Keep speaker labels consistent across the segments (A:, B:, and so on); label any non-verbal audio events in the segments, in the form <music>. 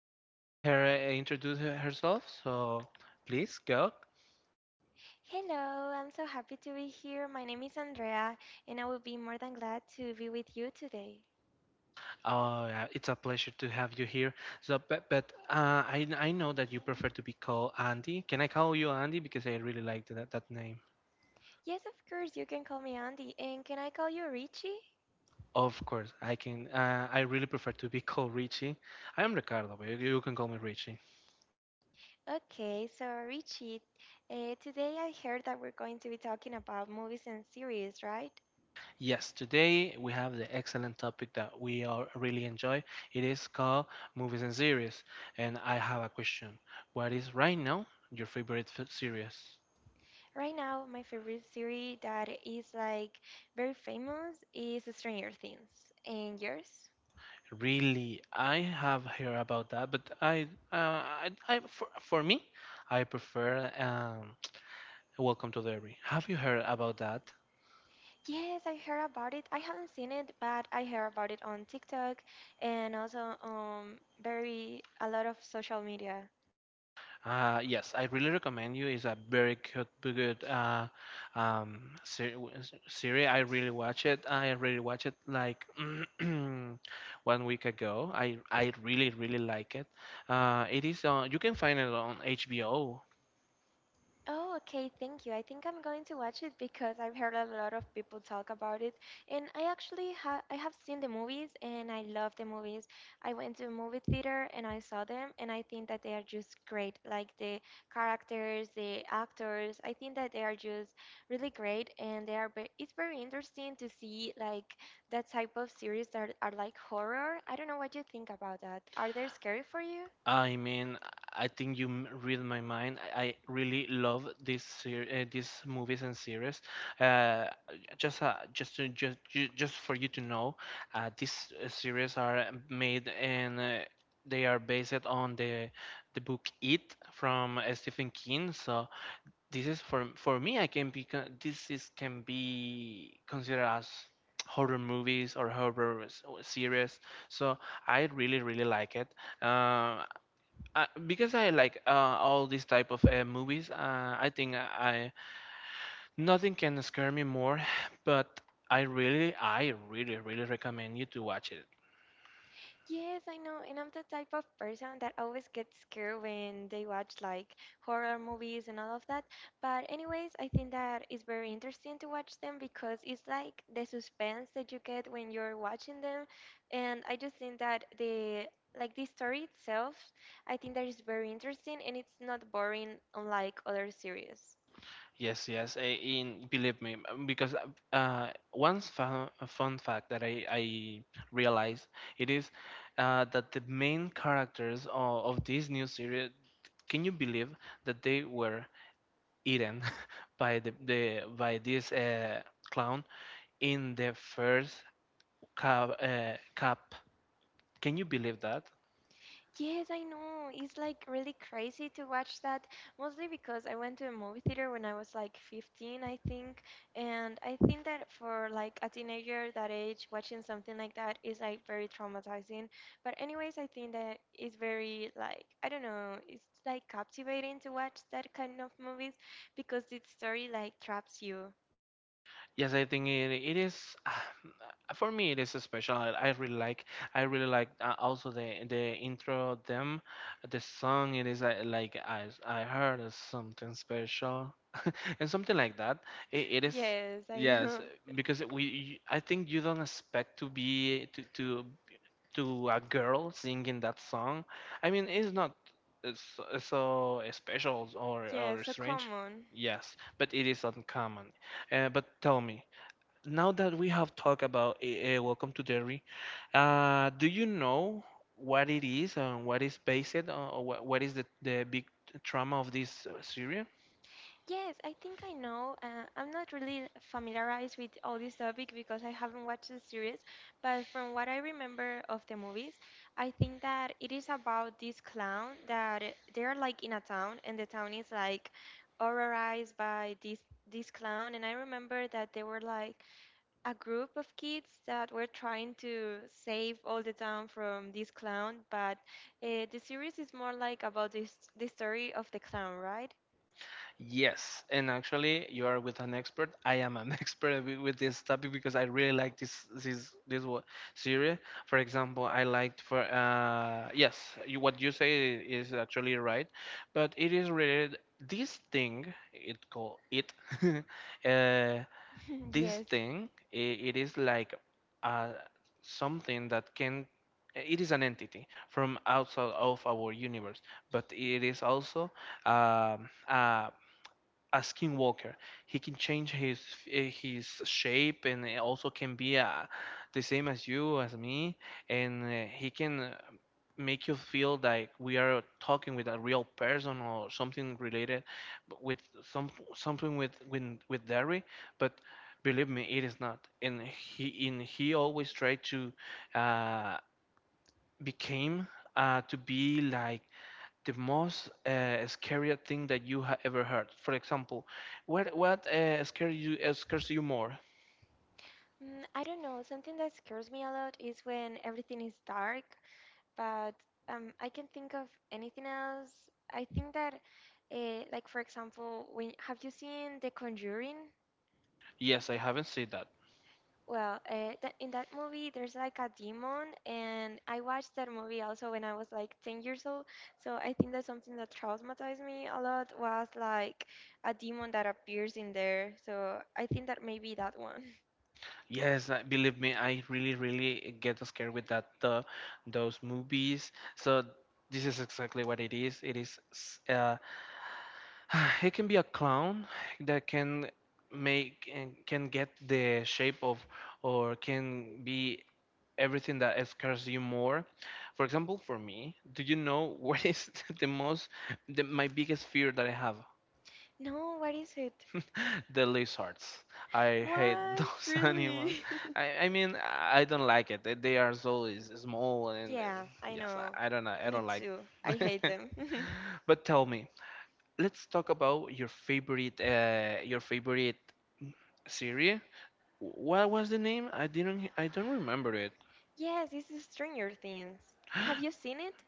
A: gonna let her introduce herself. So please go.
B: Hello, I'm so happy to be here. My name is Andrea, and I will be more than glad to be with you today.
A: Oh, yeah, it's a pleasure to have you here. But I know that you prefer to be called Andy. Can I call you Andy because I really like that name?
B: Yes, of course, you can call me Andy, and can I call you Richie?
A: Of course, I can. I really prefer to be <laughs> called Richie. I am Ricardo, but you can call me Richie.
B: Okay, so Richie, today I heard that we're going to be talking about movies and series, right?
A: Yes, today we have the excellent topic that we are really enjoy. It is called movies and series. And I have a question. What is right now your favorite series?
B: Right now, my favorite series that is like very famous is Stranger Things. And yours?
A: Really, I have heard about that, but for me, I prefer <tsk> Welcome to Derby. Have you heard about that?
B: Yes, I heard about it. I haven't seen it, but I heard about it on TikTok and also very a lot of social media.
A: Yes, I really recommend you. It's a very good um, ser- series. I really watch it. I really watch it like <clears throat> 1 week ago. I really really like it. It is on. You can find it on HBO.
B: Oh, okay, thank you. I think I'm going to watch it because I've heard a lot of people talk about it, and I actually ha I have seen the movies and I love the movies. I went to a movie theater and I saw them, and I think that they are just great. Like the characters, the actors, I think that they are just really great, and they are it's very interesting to see like that type of series that are like horror. I don't know what you think about that. Are they scary for you?
A: I mean, I think you read my mind. I really love these movies and series. Uh, just for you to know, these series are made and they are based on the book It from Stephen King. So this is for me. I can be con- this is can be considered as horror movies or horror series. So I really really like it. Uh, because I like all these type of movies, I think I nothing can scare me more. <sighs> But I really, I really really recommend you to watch it.
B: Yes, I know. And I'm the type of person that always gets scared when they watch like horror movies and all of that. But anyways, I think that it's very interesting to watch them because it's like the suspense that you get when you're watching them. And I just think that the story itself, I think that is very interesting and it's not boring unlike other series.
A: Yes, yes, I, in believe me, because one fun fact that I realized it is that the main characters of this new series, can you believe that they were eaten <laughs> by the by this clown in the first Cap, can you believe that?
B: Yes, I know. It's like really crazy to watch that, mostly because I went to a movie theater when I was like 15, I think. And I think that for like a teenager that age, watching something like that is like very traumatizing. But anyways, I think that it's very like, I don't know, it's like captivating to watch that kind of movies because the story like traps you.
A: Yes, I think it is. <sighs> For me, it is special. I really like. I really like also the intro of them, the song. It is like I heard is something special, <laughs> and something like that. It is
B: Yes, I
A: yes
B: know. <laughs>
A: because we. I think you don't expect to be to a girl singing that song. I mean, it's not it's so special or
B: Yeah, so
A: strange.
B: common.
A: Yes, but it is uncommon. But tell me, now that we have talked about Welcome to Derry, do you know what it is and what is based on, or what is the big trauma of this series?
B: Yes, I think I know. I'm not really familiarized with all this topic because I haven't watched the series, but from what I remember of the movies, I think that it is about this clown that they're like in a town and the town is like horrorized by this clown. And I remember that there were like a group of kids that were trying to save all the town from this clown, but the series is more like about this the story of the clown, right?
A: Yes, and actually, you are with an expert. I am an <laughs> expert with this topic because I really like this series. For example, I liked for yes, you, what you say is actually right, but it is related. This thing, it called it. <laughs> uh,
B: <laughs>
A: this
B: Yes.
A: thing it is like uh, something that can it is an entity from outside of our universe but it is also um, a a skinwalker. He can change his his shape and also can be the same as you as me, and he can make you feel like we are talking with a real person or something related with something with dairy, but. Believe me, it is not. And he always tried to uh, became to be like the most scary thing that you have ever heard? For example, what scares you more?
B: Mm, I don't know. Something that scares me a lot is when everything is dark, but I can think of anything else. I think that, like for example, when have you seen The Conjuring?
A: Yes, I haven't seen that.
B: Well, that in that movie, there's like a demon, and I watched that movie also when I was like 10 years old. So I think that something that traumatized me a lot was like a demon that appears in there. So I think that maybe that one. <laughs>
A: Yes, believe me, I really really get scared with that those movies. So this is exactly what it is. It is <sighs> it can be a clown that can make and can get the shape of or can be everything that scares you more. For example, for me, do you know what is <laughs> the most, the, my biggest fear that I have?
B: No, what is it?
A: <laughs> The lizards. I hate
B: What?
A: those <laughs>
B: Really?
A: animals.
B: <laughs>
A: I mean, I don't like it. They are so small and
B: Yeah, I
A: yes,
B: know.
A: I don't know. I
B: Me
A: don't like.
B: too. I hate
A: <laughs>
B: them. <laughs>
A: But tell me, let's talk about your favorite series. What was the name? I don't remember it.
B: Yes, this is Stranger Things. Have you seen it?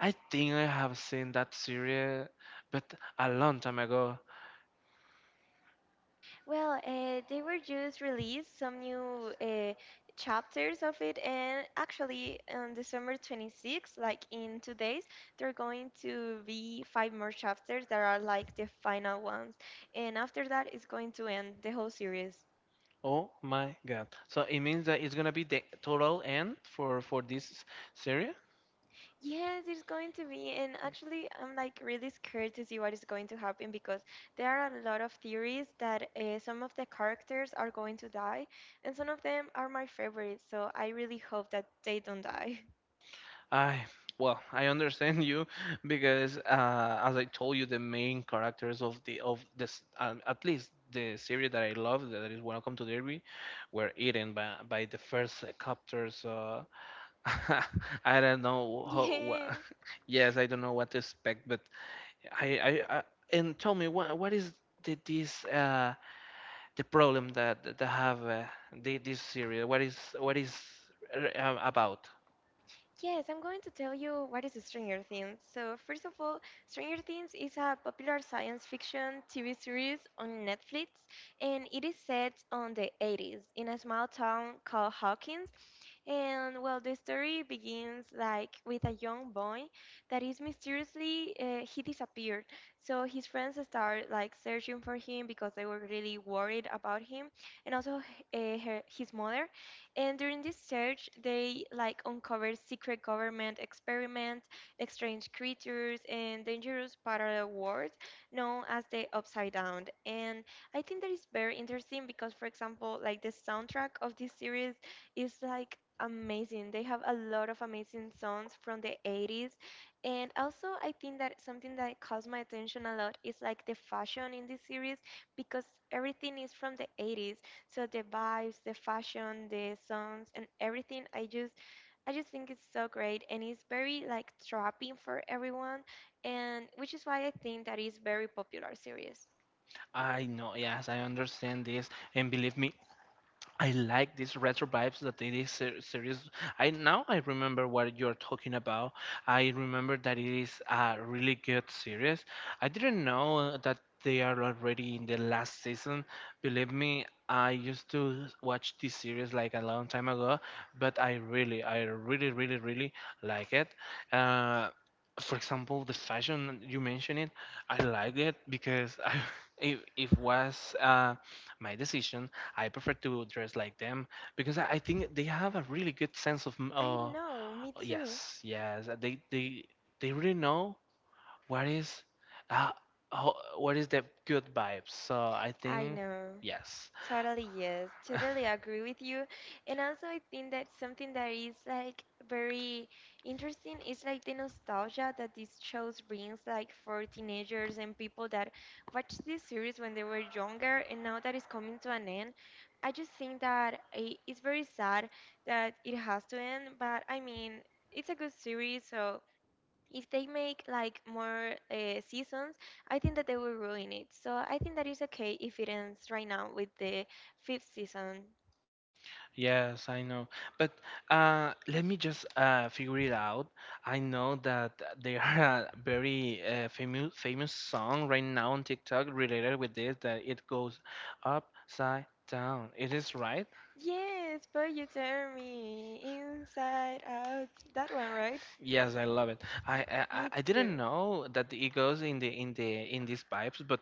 A: I think I have seen that series, but a long time ago.
B: Well, they were just released some new chapters of it, and actually, on December 26th, like in 2 days, they're going to be five more chapters that are like the final ones. And after that, it's going to end the whole series.
A: Oh my god! So it means that it's gonna be the total end for this series.
B: Yes, it's going to be. And actually, I'm like really scared to see what is going to happen because there are a lot of theories that some of the characters are going to die, and some of them are my favorites. So I really hope that they don't die.
A: I Well, I understand you <laughs> because as I told you, the main characters of the of this at least the series that I love that is Welcome to Derby were eaten by the first copter. So <laughs> I don't know
B: <laughs>
A: how.
B: Yes.
A: <laughs> Yes, I don't know what to expect, but I, I and tell me what is this the problem that that have this series? What is about?
B: Yes, I'm going to tell you what is Stranger Things. So, first of all, Stranger Things is a popular science fiction TV series on Netflix, and it is set on the 80s in a small town called Hawkins. And well, the story begins like with a young boy that is mysteriously he disappeared. So his friends start like searching for him because they were really worried about him, and also his mother. And during this search, they like uncovered secret government experiments, strange creatures, and dangerous parallel worlds known as the Upside Down. And I think that is very interesting because, for example, like the soundtrack of this series is like amazing. They have a lot of amazing songs from the 80s. And also, I think that something that caught my attention a lot is like the fashion in this series because everything is from the 80s. So the vibes, the fashion, the songs, and everything, I just think it's so great, and it's very like trapping for everyone, and which is why I think that it's very popular series.
A: I know, yes, I understand this, and believe me, I like these retro vibes that it is serious. I now I remember what you're talking about. I remember that it is a really good series. I didn't know that they are already in the last season. Believe me, I used to watch this series like a long time ago, but I really, I really really really like it. Uh, for example, the fashion you mentioned it, I like it because <laughs> it, it was my decision I prefer to dress like them because I think they have a really good sense of
B: I know, me too.
A: yes they really know what is uh what is the good vibes so I
B: I
A: think
B: know.
A: yes
B: Totally, yes.
A: <laughs>
B: Totally agree with you. And also, I think that something that is like very interesting is like the nostalgia that these shows brings, like for teenagers and people that watched this series when they were younger, and now that it's coming to an end. I just think that it's very sad that it has to end, but I mean, it's a good series, so if they make like more seasons, I think that they will ruin it. So I think that is okay if it ends right now with the fifth season.
A: yes I know but let me just figure it out I know that there <laughs> are a very famous song right now on TikTok related with this that it goes upside down it is right.
B: Yes, but you turn me inside out. That one, right?
A: Yes, I love it. I, I I
B: Me
A: I
B: too.
A: didn't know that it goes in these pipes, but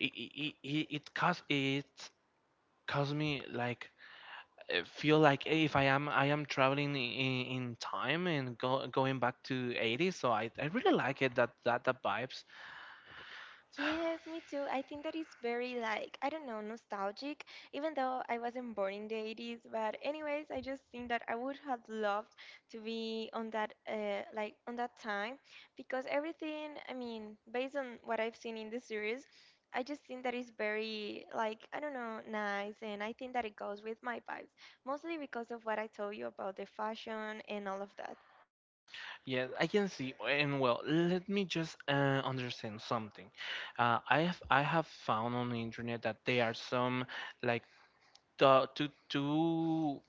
A: it cause it caused me like feel like if I am traveling in time and going back to 80s. So I really like it that the vibes.
B: Yes, me too. I think that is very like, I don't know, nostalgic, even though I wasn't born in the 80s. But anyways, I just think that I would have loved to be on that on that time because everything, I mean, based on what I've seen in the series, I just think that is very like, I don't know, nice and I think that it goes with my vibes, mostly because of what I told you about the fashion and all of that.
A: Yeah, I can see. And well, let me just understand something. I have found on the internet that there are some like the two two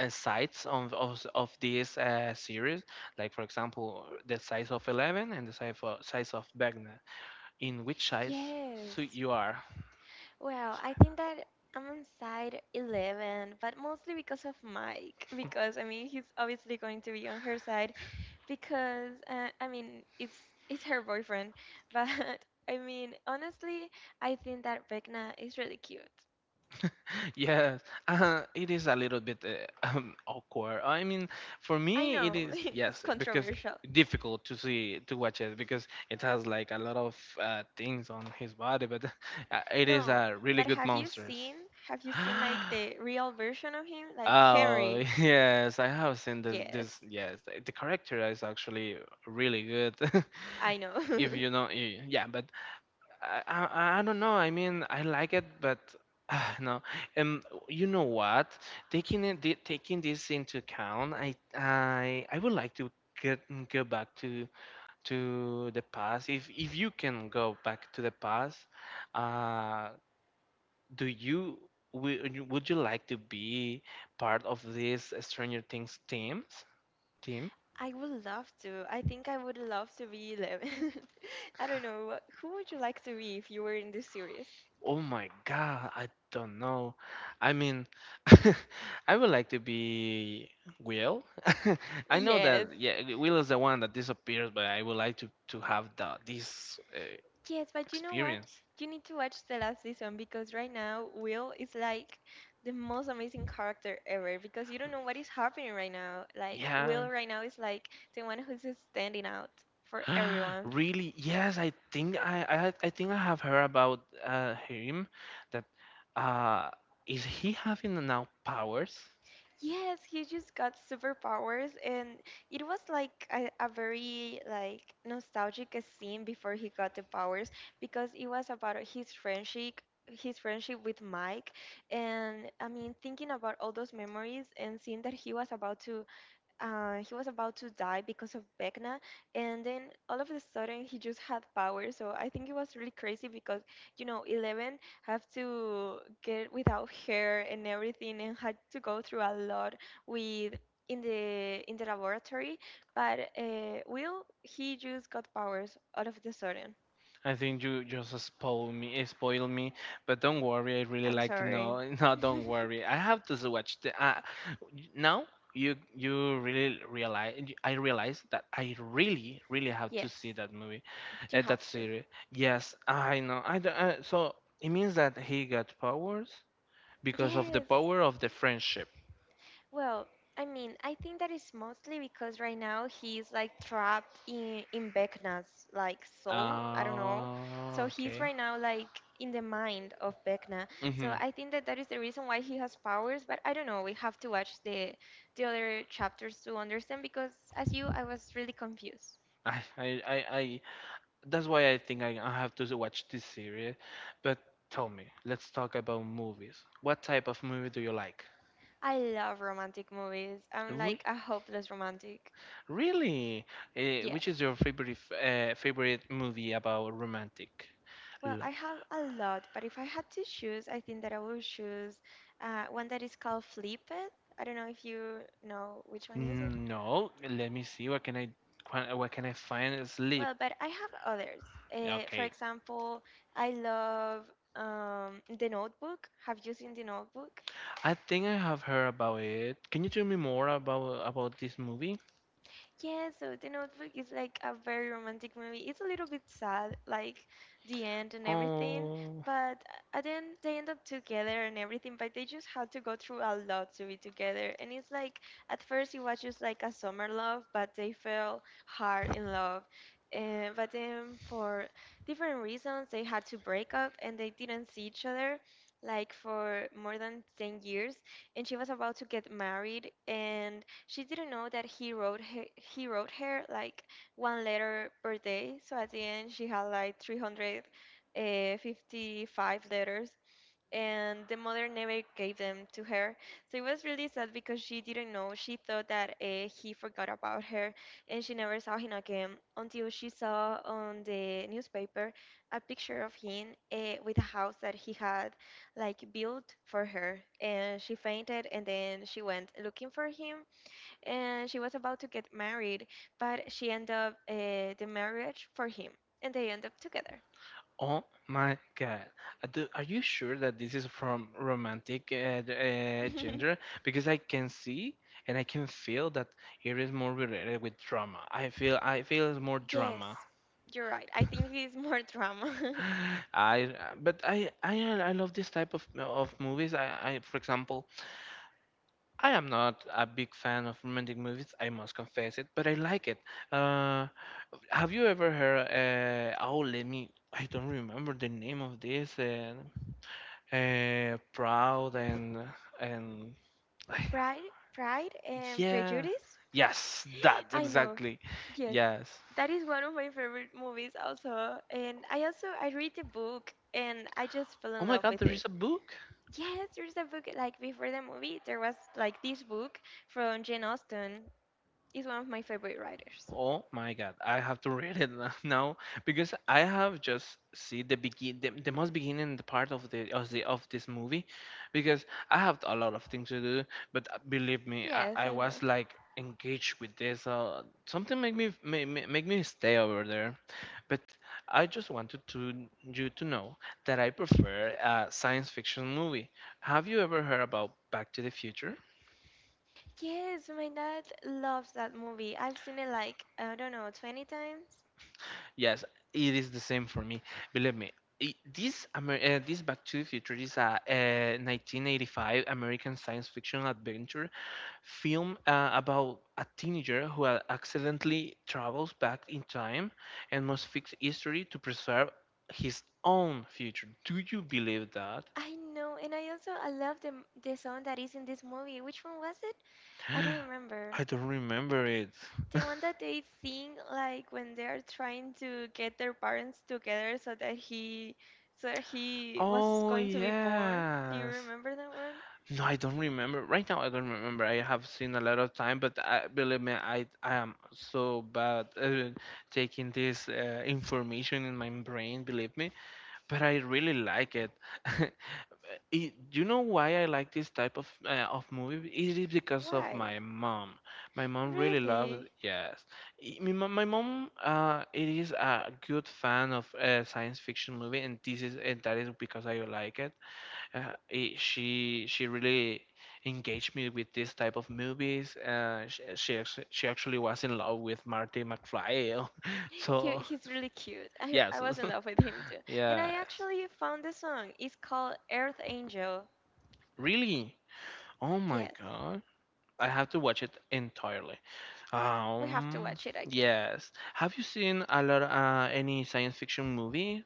A: uh, sides of, of this series, like for example the size of 11 and the size of Vecna. In which size suit
B: Yes.
A: you are? <laughs>
B: Well, I think that I'm on side Eleven, but mostly because of Mike, <laughs> because I mean, he's obviously going to be on her side because I mean, it's her boyfriend, but <laughs> I mean, honestly, I think that Vecna is really cute.
A: Yes, it is a little bit <laughs> awkward. I mean, for
B: I
A: me, it
B: know, <laughs>
A: is
B: it's
A: yes because
B: controversial.
A: difficult to see to watch it because it has like a lot of things on his body, but <laughs> it is
B: No,
A: a really
B: but
A: good monsters.
B: have you
A: <gasps>
B: seen like the real version of him? Like
A: Oh
B: Henry.
A: <laughs> yes, I have seen this. This
B: Yes,
A: yes, the character is actually really good. <laughs>
B: I know.
A: If you
B: <laughs>
A: know, yeah. But I don't know. I mean, I like it, but <sighs> ah, no. Um, you know what? Taking it, taking this into account, I would like to get go back to the past. If you can go back to the past, uh, do you would you like to be part of this Stranger Things team?
B: I would love to. I think I would love to be Eleven. <laughs> I don't know. Who would you like to be if you were in this series?
A: Oh my god, I don't know. I mean, <laughs> I would like to be Will. <laughs> I know
B: Yes.
A: that yeah, Will is the one that disappears, but I would like to have the this
B: Yes, but you know what?
A: experience.
B: You need to watch the last season because right now Will is like the most amazing character ever because you don't know what is happening right now. Like
A: Yeah,
B: Will right now is like the one who's standing out for
A: <gasps>
B: everyone.
A: really? Yes, I think I think I have heard about him. That uh, is he having now powers?
B: Yes, he just got superpowers, and it was like a very like nostalgic scene before he got the powers because it was about his friendship with Mike, and I mean thinking about all those memories and seeing that he was about to die because of Vecna, and then all of a sudden he just had power. So I think it was really crazy because you know Eleven have to get without hair and everything, and had to go through a lot with in the laboratory. But Will he just got powers all of the sudden.
A: I think you just spoil me, spoil me. But don't worry, I really
B: I'm
A: like to
B: sorry.
A: know. <laughs> No, don't
B: <laughs>
A: worry. I have to watch the. Now you you really realize. I realize that I really really have to
B: Yes,
A: see that movie,
B: you
A: that
B: have to.
A: series. Yes, I know. I, don't- So it means that he got powers. Because of the
B: Yes.
A: power of the friendship.
B: Well, I mean, I think that is mostly because right now he's like trapped in Vecna's like soul. I don't know. So
A: Ah,
B: he's
A: okay.
B: right now like in the mind of Vecna.
A: Mm-hmm.
B: So I think that that is the reason why he has powers. But I don't know. We have to watch the other chapters to understand. Because as you, I was really confused.
A: <laughs> I, I, I, I, that's why I think I have to watch this series. But tell me, let's talk about movies. What type of movie do you like?
B: I love romantic movies. I'm
A: Re-
B: like a hopeless romantic.
A: Really?
B: Yes.
A: Which is your favorite favorite movie about romantic?
B: Well,
A: L-
B: I have a lot, but if I had to choose, I think that I would choose one that is called Flip It. I don't know if you know which one is it.
A: no, let me see. What can what can I find? Sleep.
B: Well, but I have others. For
A: Okay,
B: example, I love The Notebook. Have you seen The Notebook?
A: I think I have heard about it. Can you tell me more about this movie?
B: Yeah, so The Notebook is like a very romantic movie. It's a little bit sad, like the end and everything,
A: Oh,
B: but at the end they end up together and everything, but they just had to go through a lot to be together. And it's like at first it was just like a summer love, but they fell hard in love. And but then for different reasons they had to break up and they didn't see each other like for more than 10 years and she was about to get married and she didn't know that he wrote her like one letter per day. So at the end, she had like 355 letters, and the mother never gave them to her. So it was really sad because she didn't know. She thought that he forgot about her, and she never saw him again until she saw on the newspaper a picture of him with a house that he had like built for her. And she fainted, and then she went looking for him and she was about to get married, but she ended up the marriage for him, and they end up together.
A: oh my God. Are you sure that this is from romantic genre?
B: <laughs>
A: Because I can see and I can feel that it is more related with drama. I feel it's more
B: Yes,
A: drama.
B: you're right. I think it's more drama.
A: <gasps>
B: <laughs>
A: <sighs> I but I love this type of movies. I For example, I am not a big fan of romantic movies. I must confess it, but I like it. Uh, have you ever heard? Oh, let me. I don't remember the name of this. Proud and <sighs>
B: Pride, Pride and
A: yeah,
B: Prejudice.
A: yes, that
B: I know.
A: exactly,
B: Yes,
A: yes,
B: that is one of my favorite movies also, and I also I read the book and I just fell in
A: oh my
B: love
A: God,
B: with
A: there
B: it.
A: is a book.
B: Yes, there's a book like before the movie. There was like this book from Jane Austen. Is one of my favorite writers.
A: Oh my God, I have to read it now, <laughs> now because I have just see the begin, the most beginning, the part of the of the of this movie because I have a lot of things to do, but believe me,
B: Yes,
A: I
B: I know.
A: was like engaged with this. Something make me make me stay over there, but I just wanted to you to know that I prefer a science fiction movie. Have you ever heard about Back to the Future?
B: Yes, my dad loves that movie. I've seen it like, I don't know, 20 times.
A: Yes, it is the same for me. Believe me, this Amer this Back to the Future is a 1985 American science fiction adventure film about a teenager who accidentally travels back in time and must fix history to preserve his own future. Do you believe that?
B: I know, and I also I love the the song that is in this movie. Which one was it? I don't
A: <gasps>
B: remember.
A: I don't remember it.
B: The
A: <laughs>
B: one that they sing like when they're trying to get their parents together so that he was
A: Oh
B: going to be born. Do you
A: yes.
B: remember that one?
A: No, I don't remember. Right now, I don't remember. I have seen a lot of time, but I, believe me, I am so bad taking this information in my brain, believe me. But I really like it. <laughs> it. You know why I like this type of movie? It is because of
B: Why?
A: my mom. My mom really loved,
B: Really?
A: yes. My mom it is a good fan of science fiction movie, and this is and that is because I like it, she really engaged me with this type of movies. She she actually was in love with Marty McFly. <laughs>
B: He,
A: so
B: he's really cute. I
A: yes,
B: was in love with him too.
A: <laughs>
B: And I
A: yes,
B: actually found the song. It's called Earth Angel.
A: really. Oh my
B: Yes,
A: God, I have to watch it entirely.
B: we have to
A: Um,
B: watch it again.
A: yes. Have you seen a lot any science fiction movie?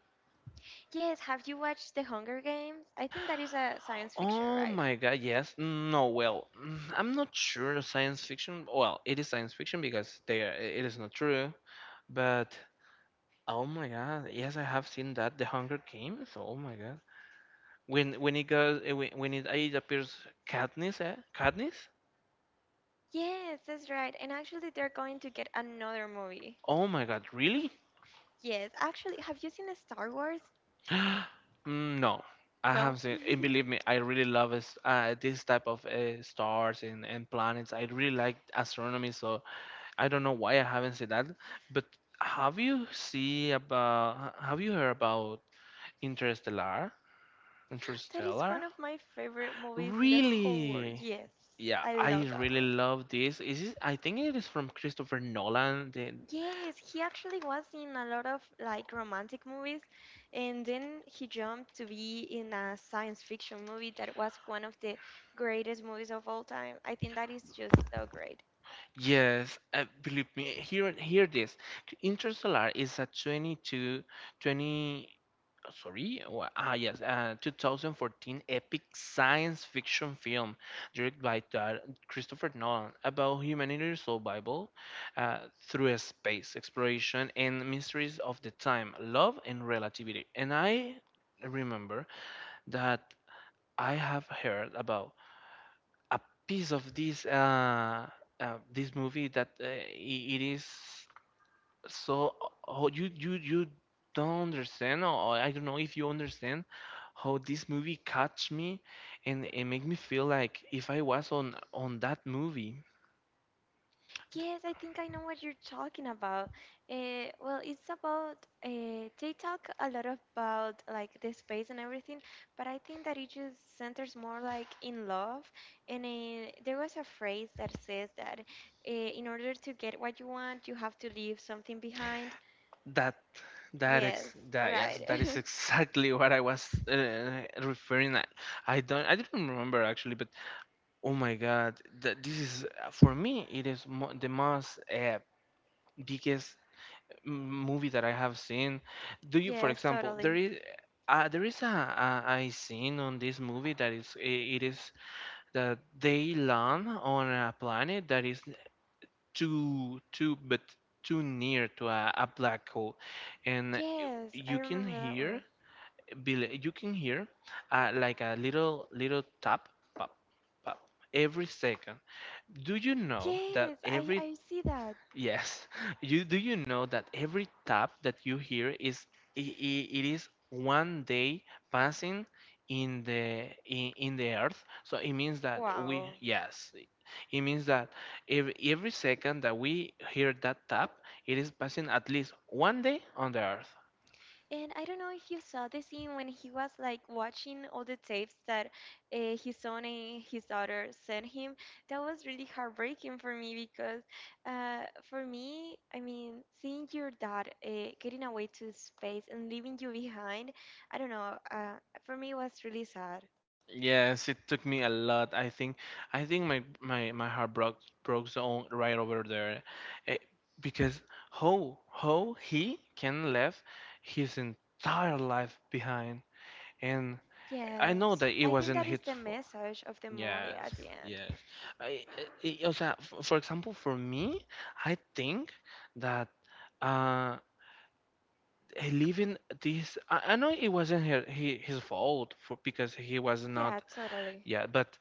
B: Yes, have you watched The Hunger Games? I think that is a science fiction,
A: Oh
B: right?
A: my God, yes. No, well, I'm not sure science fiction. Well, it is science fiction because they are, it is not true. But oh my God! Yes, I have seen that. The Hunger Games. Oh my God! When it goes when it appears Katniss, eh? Katniss.
B: Yes, that's right. And actually, they're going to get another movie.
A: Oh my God! Really?
B: Yes, actually, have you seen Star Wars?
A: <gasps> Mm, no, I
B: No.
A: have seen. And
B: <laughs>
A: believe me, I really love this type of stars and planets. I really like astronomy, so I don't know why I haven't seen that. But have you see about? Have you heard about Interstellar?
B: That is
A: Interstellar?
B: one of my favorite movies in the whole world.
A: Really?
B: Yes,
A: Yeah,
B: I love
A: I
B: that
A: really
B: one.
A: love this. Is this, I think it is from Christopher Nolan. The,
B: Yes, he actually was in a lot of like romantic movies, and then he jumped to be in a science fiction movie that was one of the greatest movies of all time. I think that is just so great.
A: yes, believe me. Hear this. Interstellar is a 22, twenty. uh, sorry, wha- ah yes, uh, 2014 epic science fiction film directed by Christopher Nolan about humanity's survival uh, through a space exploration and mysteries of the time, love and relativity. And I remember that I have heard about a piece of this this movie that it is so oh, you don't understand or I don't know if you understand how this movie catch me and it make me feel like if I was on that movie
B: Yes, I think I know what you're talking about. Well, it's about they talk a lot about like the space and everything, but I think that it just centers more like in love. And there was a phrase that says that in order to get what you want, you have to leave something behind.
A: that
B: Yes,
A: that yes
B: right.
A: that is <laughs>
B: <laughs>
A: exactly what I was referring, I don't I didn't remember actually but oh my God, that this is for me. It is mo the most biggest movie that I have seen. Do you, for
B: Yes,
A: example, there
B: totally.
A: is uh, there is a, a scene on this movie that it is that they land on a planet that is too too but too near to a black hole, and
B: Yes, I
A: you can
B: remember that
A: hear
B: one.
A: You can hear like a little tap, pop pop every second, do you know that
B: Yes, I
A: every
B: I see that.
A: yes, <laughs> you do you know that every tap that you hear is it is one day passing in the in the earth. So it means that we
B: Wow.
A: yes, it means that every second that we hear that tap, it is passing at least one day on the earth.
B: And I don't know if you saw the scene when he was like watching all the tapes that his son and his daughter sent him. That was really heartbreaking for me because, uh, for me, I mean, seeing your dad getting away to space and leaving you behind, I don't know, for me it was really sad.
A: Yes, it took me a lot. I think my my heart broke on right over there, Eh, because how he can left his entire life behind, and I know
B: Yes,
A: that it
B: I think
A: wasn't
B: that is
A: his
B: the
A: fault.
B: message of the movie
A: Yes,
B: at the end.
A: yes. I, o sea, for example, for me, I think that uh leaving this, I know it wasn't his fault for because he was
B: Yeah,
A: not,
B: totally.
A: yeah, but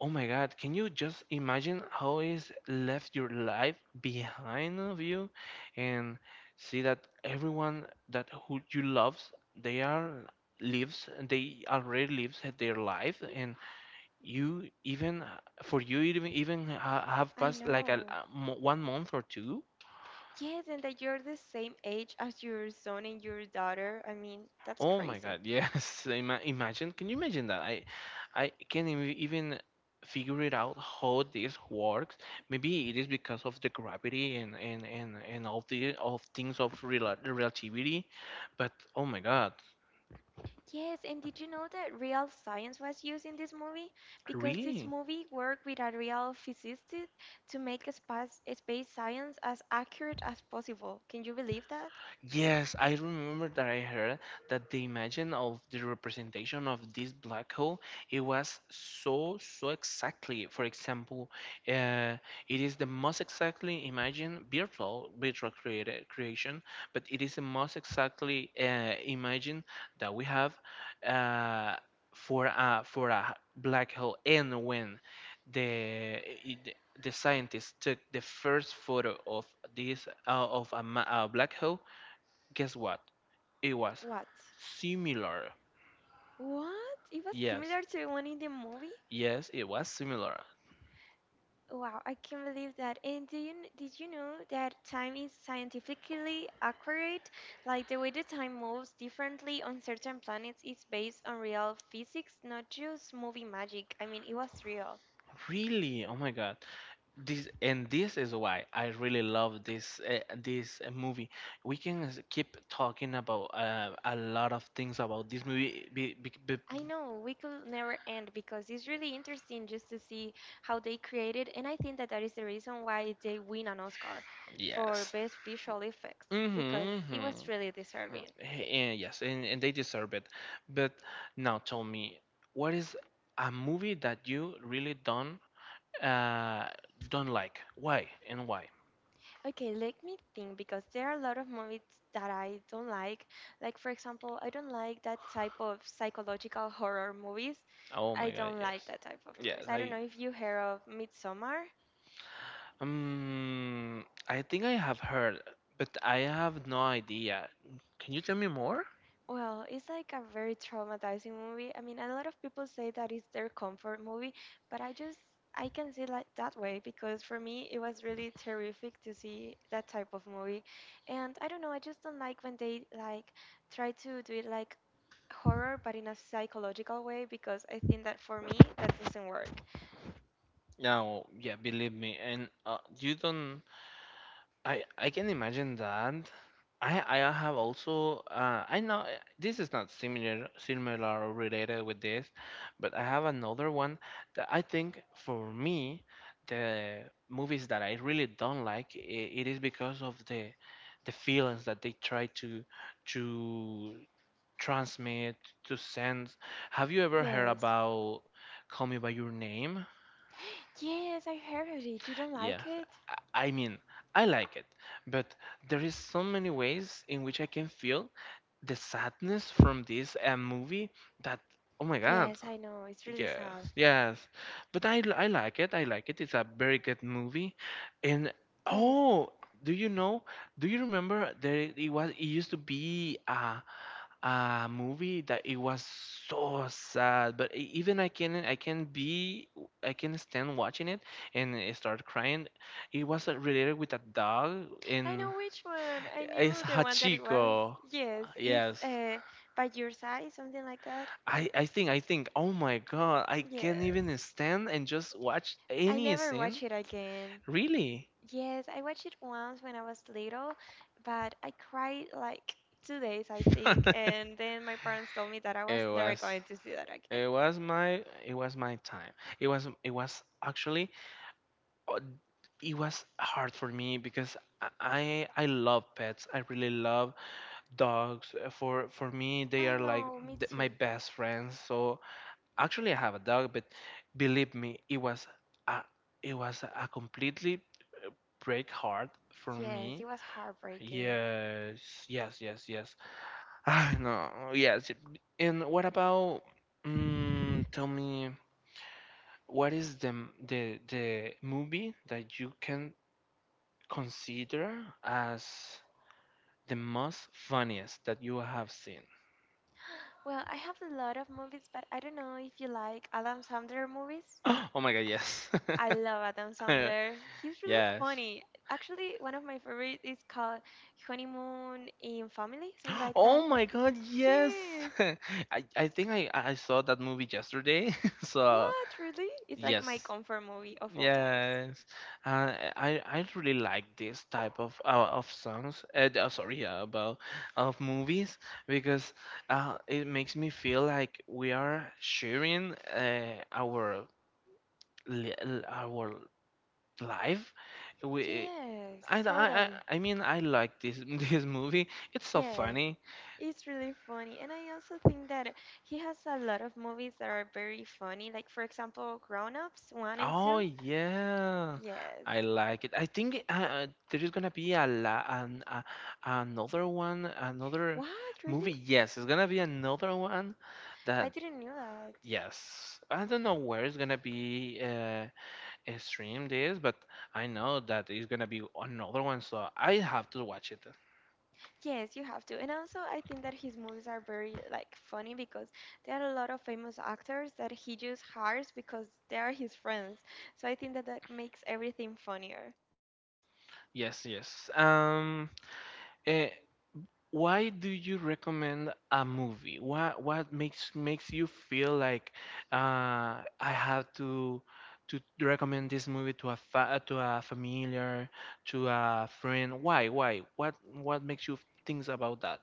A: oh my God, can you just imagine how is left your life behind of you and see that everyone that who you loves they are lives they already lives their life and you even for you even have
B: I
A: passed like
B: know.
A: a one month or two,
B: Yes, and that you're the same age as your son and your daughter. I mean, that's
A: oh my
B: crazy.
A: God, yes. <laughs> Ima imagine, can you imagine that? I can't even figure it out how this works. Maybe it is because of the gravity and all the all things of real relativity, but oh my God,
B: Yes, and did you know that real science was used in this movie? Because this
A: really?
B: movie worked with a real physicist to make a space science as accurate as possible. Can you believe that?
A: Yes, I remember that I heard that the imagine of the representation of this black hole it was so so exactly. For example, uh, it is the most exactly imagine, virtual created creation, but it is the most exactly imagine that we have uh, for a black hole. And when the it- the scientists took the first photo of this a black hole, guess what? It was
B: What?
A: similar.
B: What? It was
A: Yes,
B: similar to the one in the movie?
A: yes, it was similar.
B: Wow, I can't believe that. And did you know that time is scientifically accurate? Like the way the time moves differently on certain planets is based on real physics, not just movie magic. I mean, it was real.
A: Really? Oh my God. This is why I really love this this movie. We can keep talking about a lot of things about this movie.
B: I know we could never end because it's really interesting just to see how they created, and I think that that is the reason why they win an Oscar for
A: Yes.
B: best visual effects
A: Mm-hmm,
B: because it was
A: mm-hmm.
B: really deserving.
A: And yes, and they deserve it. But now tell me, what is a movie that you really uh don't like? Why and why?
B: Okay, let me think because there are a lot of movies that I don't like. Like, for example, I don't like that type of psychological horror movies.
A: Oh
B: I
A: my God,
B: don't like
A: yes.
B: that type of
A: Yes,
B: movies. I don't know if you heard of Midsommar.
A: I think I have heard, but I have no idea. Can you tell me more?
B: Well, it's like a very traumatizing movie. I mean, a lot of people say that it's their comfort movie, but I just I can see it like that way because for me it was really terrific to see that type of movie. And I don't know, I just don't like when they like try to do it like horror but in a psychological way because I think that for me that doesn't work.
A: No, yeah, believe me. And you don't I can imagine that I have also I know this is not similar or related with this, but I have another one that I think for me the movies that I really don't like I it is because of the feelings that they try to transmit to send. Have you ever heard
B: Yes.
A: about Call Me by Your Name?
B: Yes, I heard it. You don't
A: Yeah,
B: like it?
A: I mean I like it, but there is so many ways in which I can feel the sadness from this movie that oh my God,
B: Yes, I know. It's really
A: yes,
B: sad.
A: yes, but I like it, it's a very good movie, and
B: Yes,
A: oh do you know, do you remember that it used to be a movie that it was so sad but even I can stand watching it and I start crying, it was related with a dog
B: I
A: and
B: know which one. I
A: it's
B: knew the one that it was.
A: Hachiko,
B: Yes, it's
A: yes,
B: by your side, something like that.
A: I think oh my God I can't
B: Yes.
A: even stand and just watch
B: I
A: any
B: never
A: scene,
B: watch it again.
A: really.
B: Yes, I watched it once when I was little, but I cried like 2 days, I think,
A: <laughs>
B: and then my parents told me that I was
A: it
B: never
A: was
B: going to see that again.
A: it was my time, it was actually uh, it was hard for me because I love pets, I really love dogs. For me they
B: I
A: are like
B: know, me
A: my
B: too.
A: best friends, so actually I have a dog but believe me it was a, it was a completely break heart for
B: Yes, it
A: me.
B: was heartbreaking.
A: Yes, yes, yes, yes. I know. Yes. And what about? Mm, tell me, what is the movie that you can consider as the most funniest that you have seen?
B: Well, I have a lot of movies, but I don't know if you like Adam Sandler movies.
A: <gasps> Oh my God, yes.
B: I
A: <laughs>
B: love Adam Sandler. He's really
A: Yes.
B: funny. Actually, one of my favorite is called Honeymoon in Family, something like that.
A: Oh my God, yes.
B: Yes.
A: <laughs> I think I saw that movie yesterday. <laughs> So
B: What? Really? It's like my
A: yes.
B: comfort movie of all times.
A: Yes, I really like this type of of songs. Sorry, about of movies because it makes me feel like we are sharing our our life. We
B: Yes,
A: I, I I
B: totally.
A: mean I like this <laughs> this movie. It's so
B: Yes.
A: funny.
B: It's really funny. And I also think that he has a lot of movies that are very funny. Like, for example, Grown Ups 1 and
A: Oh
B: 2.
A: yeah,
B: Yes.
A: I like it. I think there is gonna be another one, another
B: What? Really?
A: movie. Yes, it's gonna be another one
B: I
A: that,
B: didn't know that.
A: yes, I don't know where it's gonna be streamed is, but I know that it's gonna be another one, so I have to watch it.
B: Yes, you have to. And also, I think that his movies are very like funny because there are a lot of famous actors that he just hires because they are his friends. So I think that that makes everything funnier.
A: Yes, yes. Eh, why do you recommend a movie? What makes you feel like, I have to recommend this movie to a fa to a familiar, to a friend? Why? Why? What makes you think about that?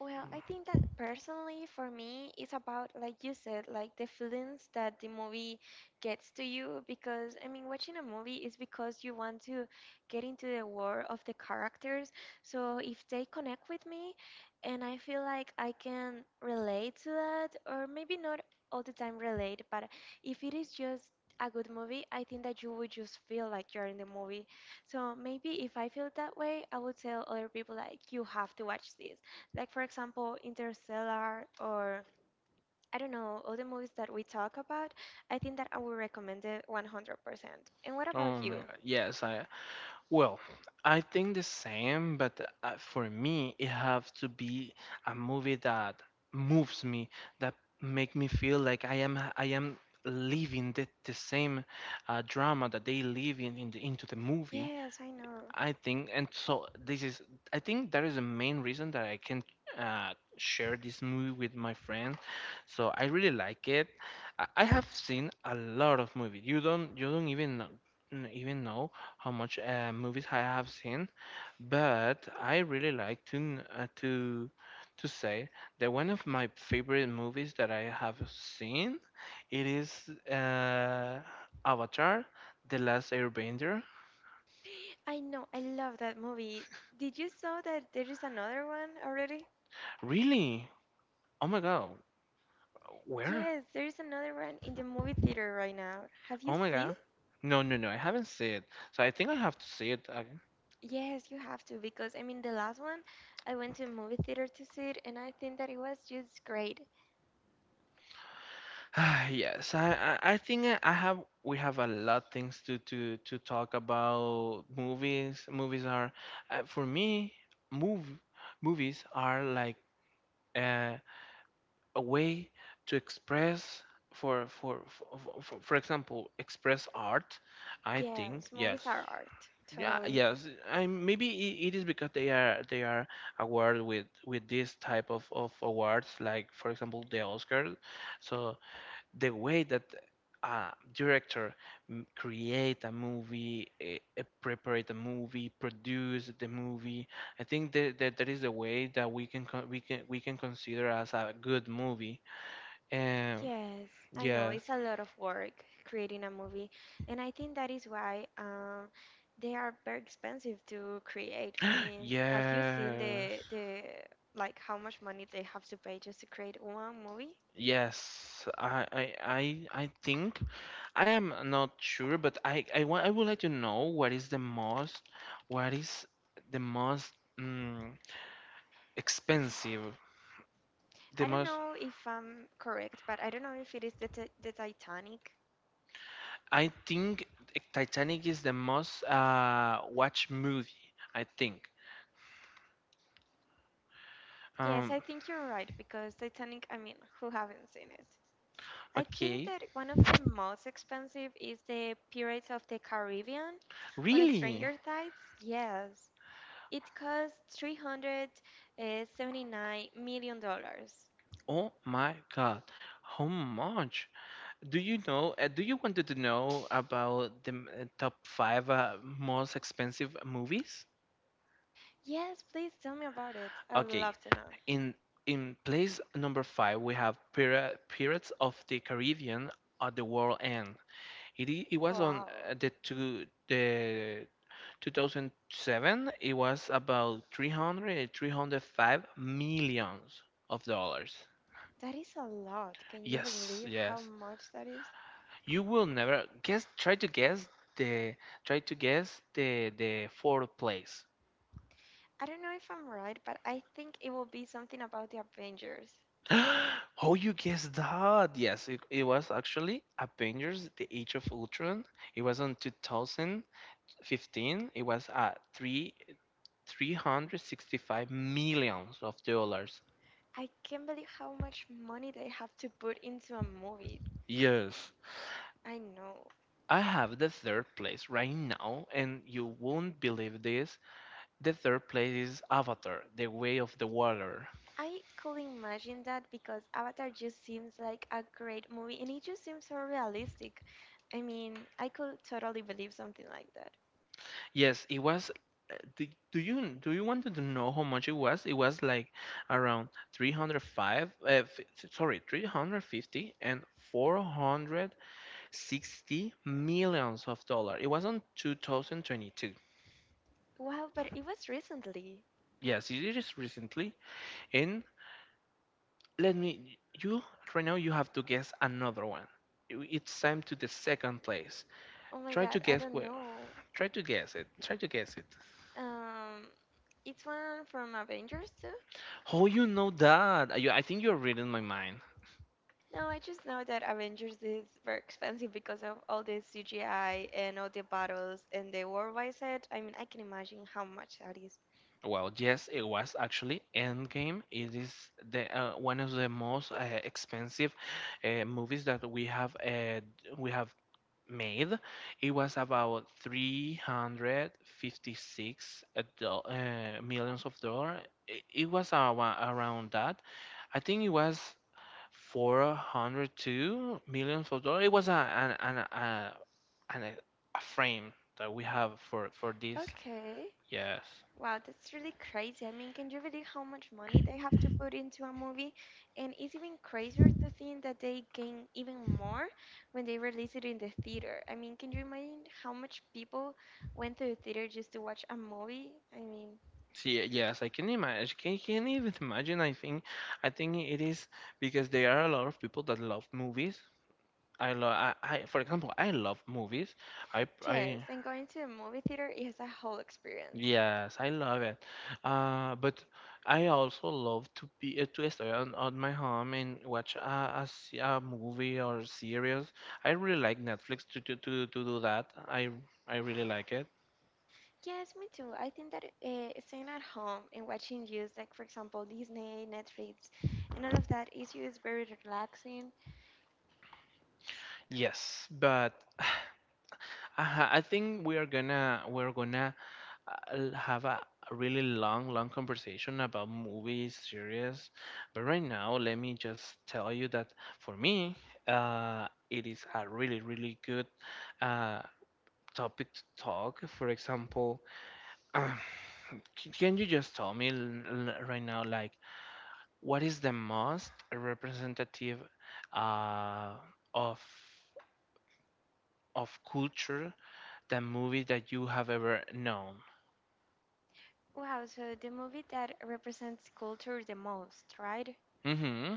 B: Well, I think that personally for me, it's about, like you said, like the feelings that the movie gets to you. Because, I mean, watching a movie is because you want to get into the world of the characters. So if they connect with me and I feel like I can relate to that, or maybe not all the time relate, but if it is just a good movie, I think that you would just feel like you're in the movie. So maybe if I feel that way, I would tell other people like you have to watch this, like for example Interstellar, or I don't know, all the movies that we talk about. I think that I would recommend it 100%. And what about
A: Oh my
B: you?
A: God. Well, I think the same, but, for me, it have to be a movie that moves me, that make me feel like I am living the same, drama that they live in the, into the movie,
B: Yes, I know,
A: I think. And so this is, I think, that is the main reason that I can, share this movie with my friends. So I really like it. I have seen a lot of movies. You don't even know, even know how much, movies I have seen. But I really like to to say that one of my favorite movies that I have seen, it is, uh, Avatar: The Last Airbender.
B: I know. I love that movie. Did you saw that there is another one already?
A: Really? Oh my God. Where?
B: Yes, there is another one in the movie theater right now. Have you
A: Oh my
B: seen?
A: God. No, no, no, I haven't seen it. So I think I have to see it again.
B: Yes, you have to because I mean the last one I went to a movie theater to see it and I think that it was just great.
A: <sighs> Yes, I think I have. We have a lot things to talk about. Movies. Movies are, for me, move. Movies are like, uh, a way to express. For for, for for example, express art. I think,
B: Yes,
A: yes.
B: movies are art.
A: Yeah,
B: Totally.
A: yes, I maybe it is because they are awarded with this type of awards, like, for example, the Oscars. So the way that a director create a movie, prepare the movie, produce the movie, I think that that is the way that we can we can consider as a good movie. Um,
B: Yes, I know
A: yes,
B: it's a lot of work creating a movie, and I think that is why they are very expensive to create. I mean, have you seen the
A: yes,
B: the like how much money they have to pay just to create one movie?
A: yes. I think. I am not sure, but I want I would like to know what is the most, what is the most, mm, expensive. The
B: I don't
A: most,
B: know if I'm correct, but I don't know if it is the t the Titanic.
A: I think Titanic is the most, watched movie, I think.
B: Yes,
A: um
B: I think you're right because Titanic, I mean, who haven't seen it? I think
A: okay.
B: that one of the most expensive is the Pirates of the Caribbean on
A: Really?
B: Stranger Tides. Yes. It cost $379 million dollars.
A: Oh my God. How much do you know? Do you wanted to know about the top five, most expensive movies?
B: Yes, please tell me about it. I would
A: Okay.
B: love to know.
A: In in place number five, we have Pirates of the Caribbean at the World End. It was on,
B: Wow,
A: the two the 2007. It was about three hundred five millions of dollars.
B: that is a lot. Can you
A: Yes,
B: believe how
A: yes.
B: much that is?
A: You will never guess. Try to guess the, try to guess the fourth place.
B: I don't know if I'm right, but I think it will be something about the Avengers.
A: <gasps> Oh, you guessed that. Yes, it was actually Avengers: The Age of Ultron. It was on 2015. It was at three 365 millions of dollars.
B: I can't believe how much money they have to put into a movie.
A: Yes.
B: I know.
A: I have the third place right now, and you won't believe this. The third place is Avatar: The Way of the Water.
B: I could imagine that because Avatar just seems like a great movie and it just seems so realistic. I mean, I could totally believe something like that.
A: Yes, it was. Do, do you want to know how much it was? It was like around 305, sorry, 350 and 460 millions of dollar. It was on 2022.
B: Wow, but it was recently.
A: Yes, it is recently. And let me, you right now you have to guess another one. It's time to the second place.
B: Oh my
A: Try to
B: god, I
A: guess
B: don't
A: well.
B: know.
A: Try to guess it. Try to guess it.
B: Um, it's one from Avengers too.
A: How you know that? I think you're reading my mind.
B: No, I just know that Avengers is very expensive because of all the CGI and all the battles and the worldwide set. I mean, I can imagine how much that is.
A: Well, yes, it was actually Endgame. It is the, one of the most, expensive, movies that we have, we have made. It was about 356 millions of dollars. It was around, around that. I think it was 402 millions of dollars. It was a an, a frame that we have for this.
B: Okay.
A: Yes.
B: Wow, that's really crazy. I mean, can you believe how much money they have to put into a movie? And it's even crazier to think that they gain even more when they release it in the theater. I mean, can you imagine how much people went to the theater just to watch a movie? I mean,
A: See, yes, I can imagine. Can even imagine? I think it is because there are a lot of people that love movies. I, for example, I love movies. I,
B: yes,
A: I,
B: and going to a movie theater is a whole experience.
A: yes, I love it. But I also love to be, to stay on my home and watch a movie or series. I really like Netflix to do that. I really like it.
B: Yes, me too. I think that staying at home and watching news, like for example Disney, Netflix, and all of that, is just very relaxing.
A: Yes, but. <sighs> I think we are gonna we're gonna I'll have a really long, long conversation about movies, series, but right now, let me just tell you that for me, it is a really, really good, uh, topic to talk. For example, <clears throat> c- can you just tell me right now, like, what is the most representative, uh, of culture, the movie that you have ever known?
B: Wow, so the movie that represents culture the most, right?
A: Hmm.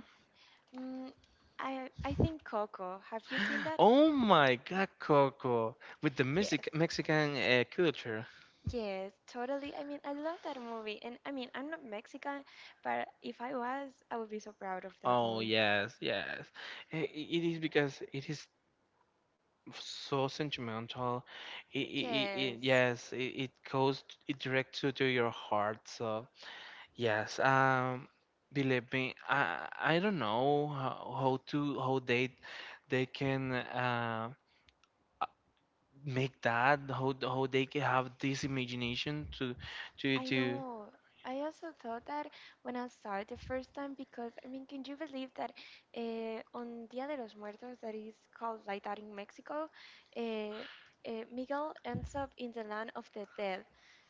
B: Mm, I think Coco. Have you seen that?
A: Oh my God, Coco, with the
B: Yes.
A: Mexican, culture.
B: Yes, totally. I mean, I love that movie. And I mean, I'm not Mexican, but if I was, I would be so proud of that
A: Oh
B: movie.
A: yes, yes. It is because it is so sentimental.
B: Yes.
A: Yes, it goes, it direct to your heart. So yes, believe me, I don't know how to, how they, can, make that, how they can have this imagination to to
B: I
A: to
B: know. I also thought that when I saw it the first time because, I mean, can you believe that on Dia de los Muertos, that is called like that in Mexico, Miguel ends up in the land of the dead?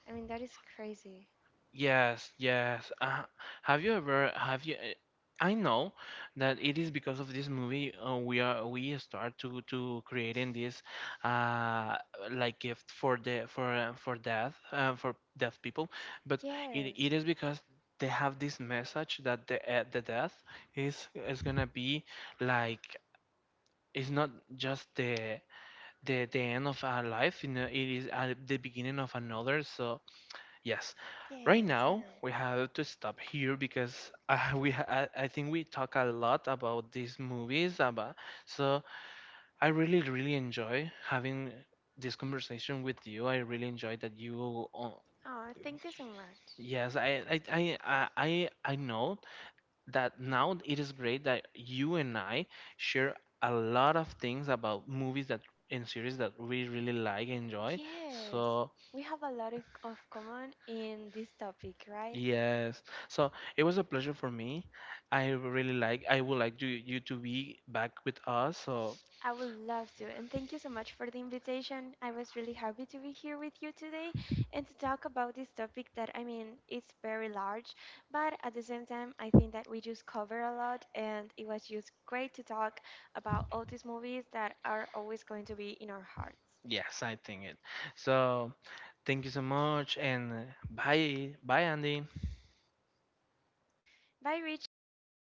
B: I mean, that is crazy.
A: yes, yes. Have you ever have you I know that it is because of this movie, we are we start to creating this, uh like gift for the, for death, for deaf people, but
B: Yes,
A: it is because they have this message that the, the death is gonna be like, it's not just the end of our life, you know, it is, the beginning of another. So yes. Right
B: yes, I
A: now,
B: know.
A: we have to stop here because, <laughs> we ha- I think we talk a lot about these movies, about. So I really, really enjoy having this conversation with you. I really enjoy that you.
B: Oh, thank you so much.
A: Yes, I know that now it is great that you and I share a lot of things about movies that and series that we really like, enjoy.
B: Yes,
A: So
B: we have a lot of common in this topic, right?
A: yes. So it was a pleasure for me. I would like you to be back with us. So
B: I would love to, and thank you so much for the invitation. I was really happy to be here with you today and to talk about this topic that I mean, it's very large, but at the same time, I think that we just cover a lot, and it was just great to talk about all these movies that are always going to be in our hearts.
A: yes, I think it. So thank you so much and, bye. Bye Andy.
B: Bye, Richie.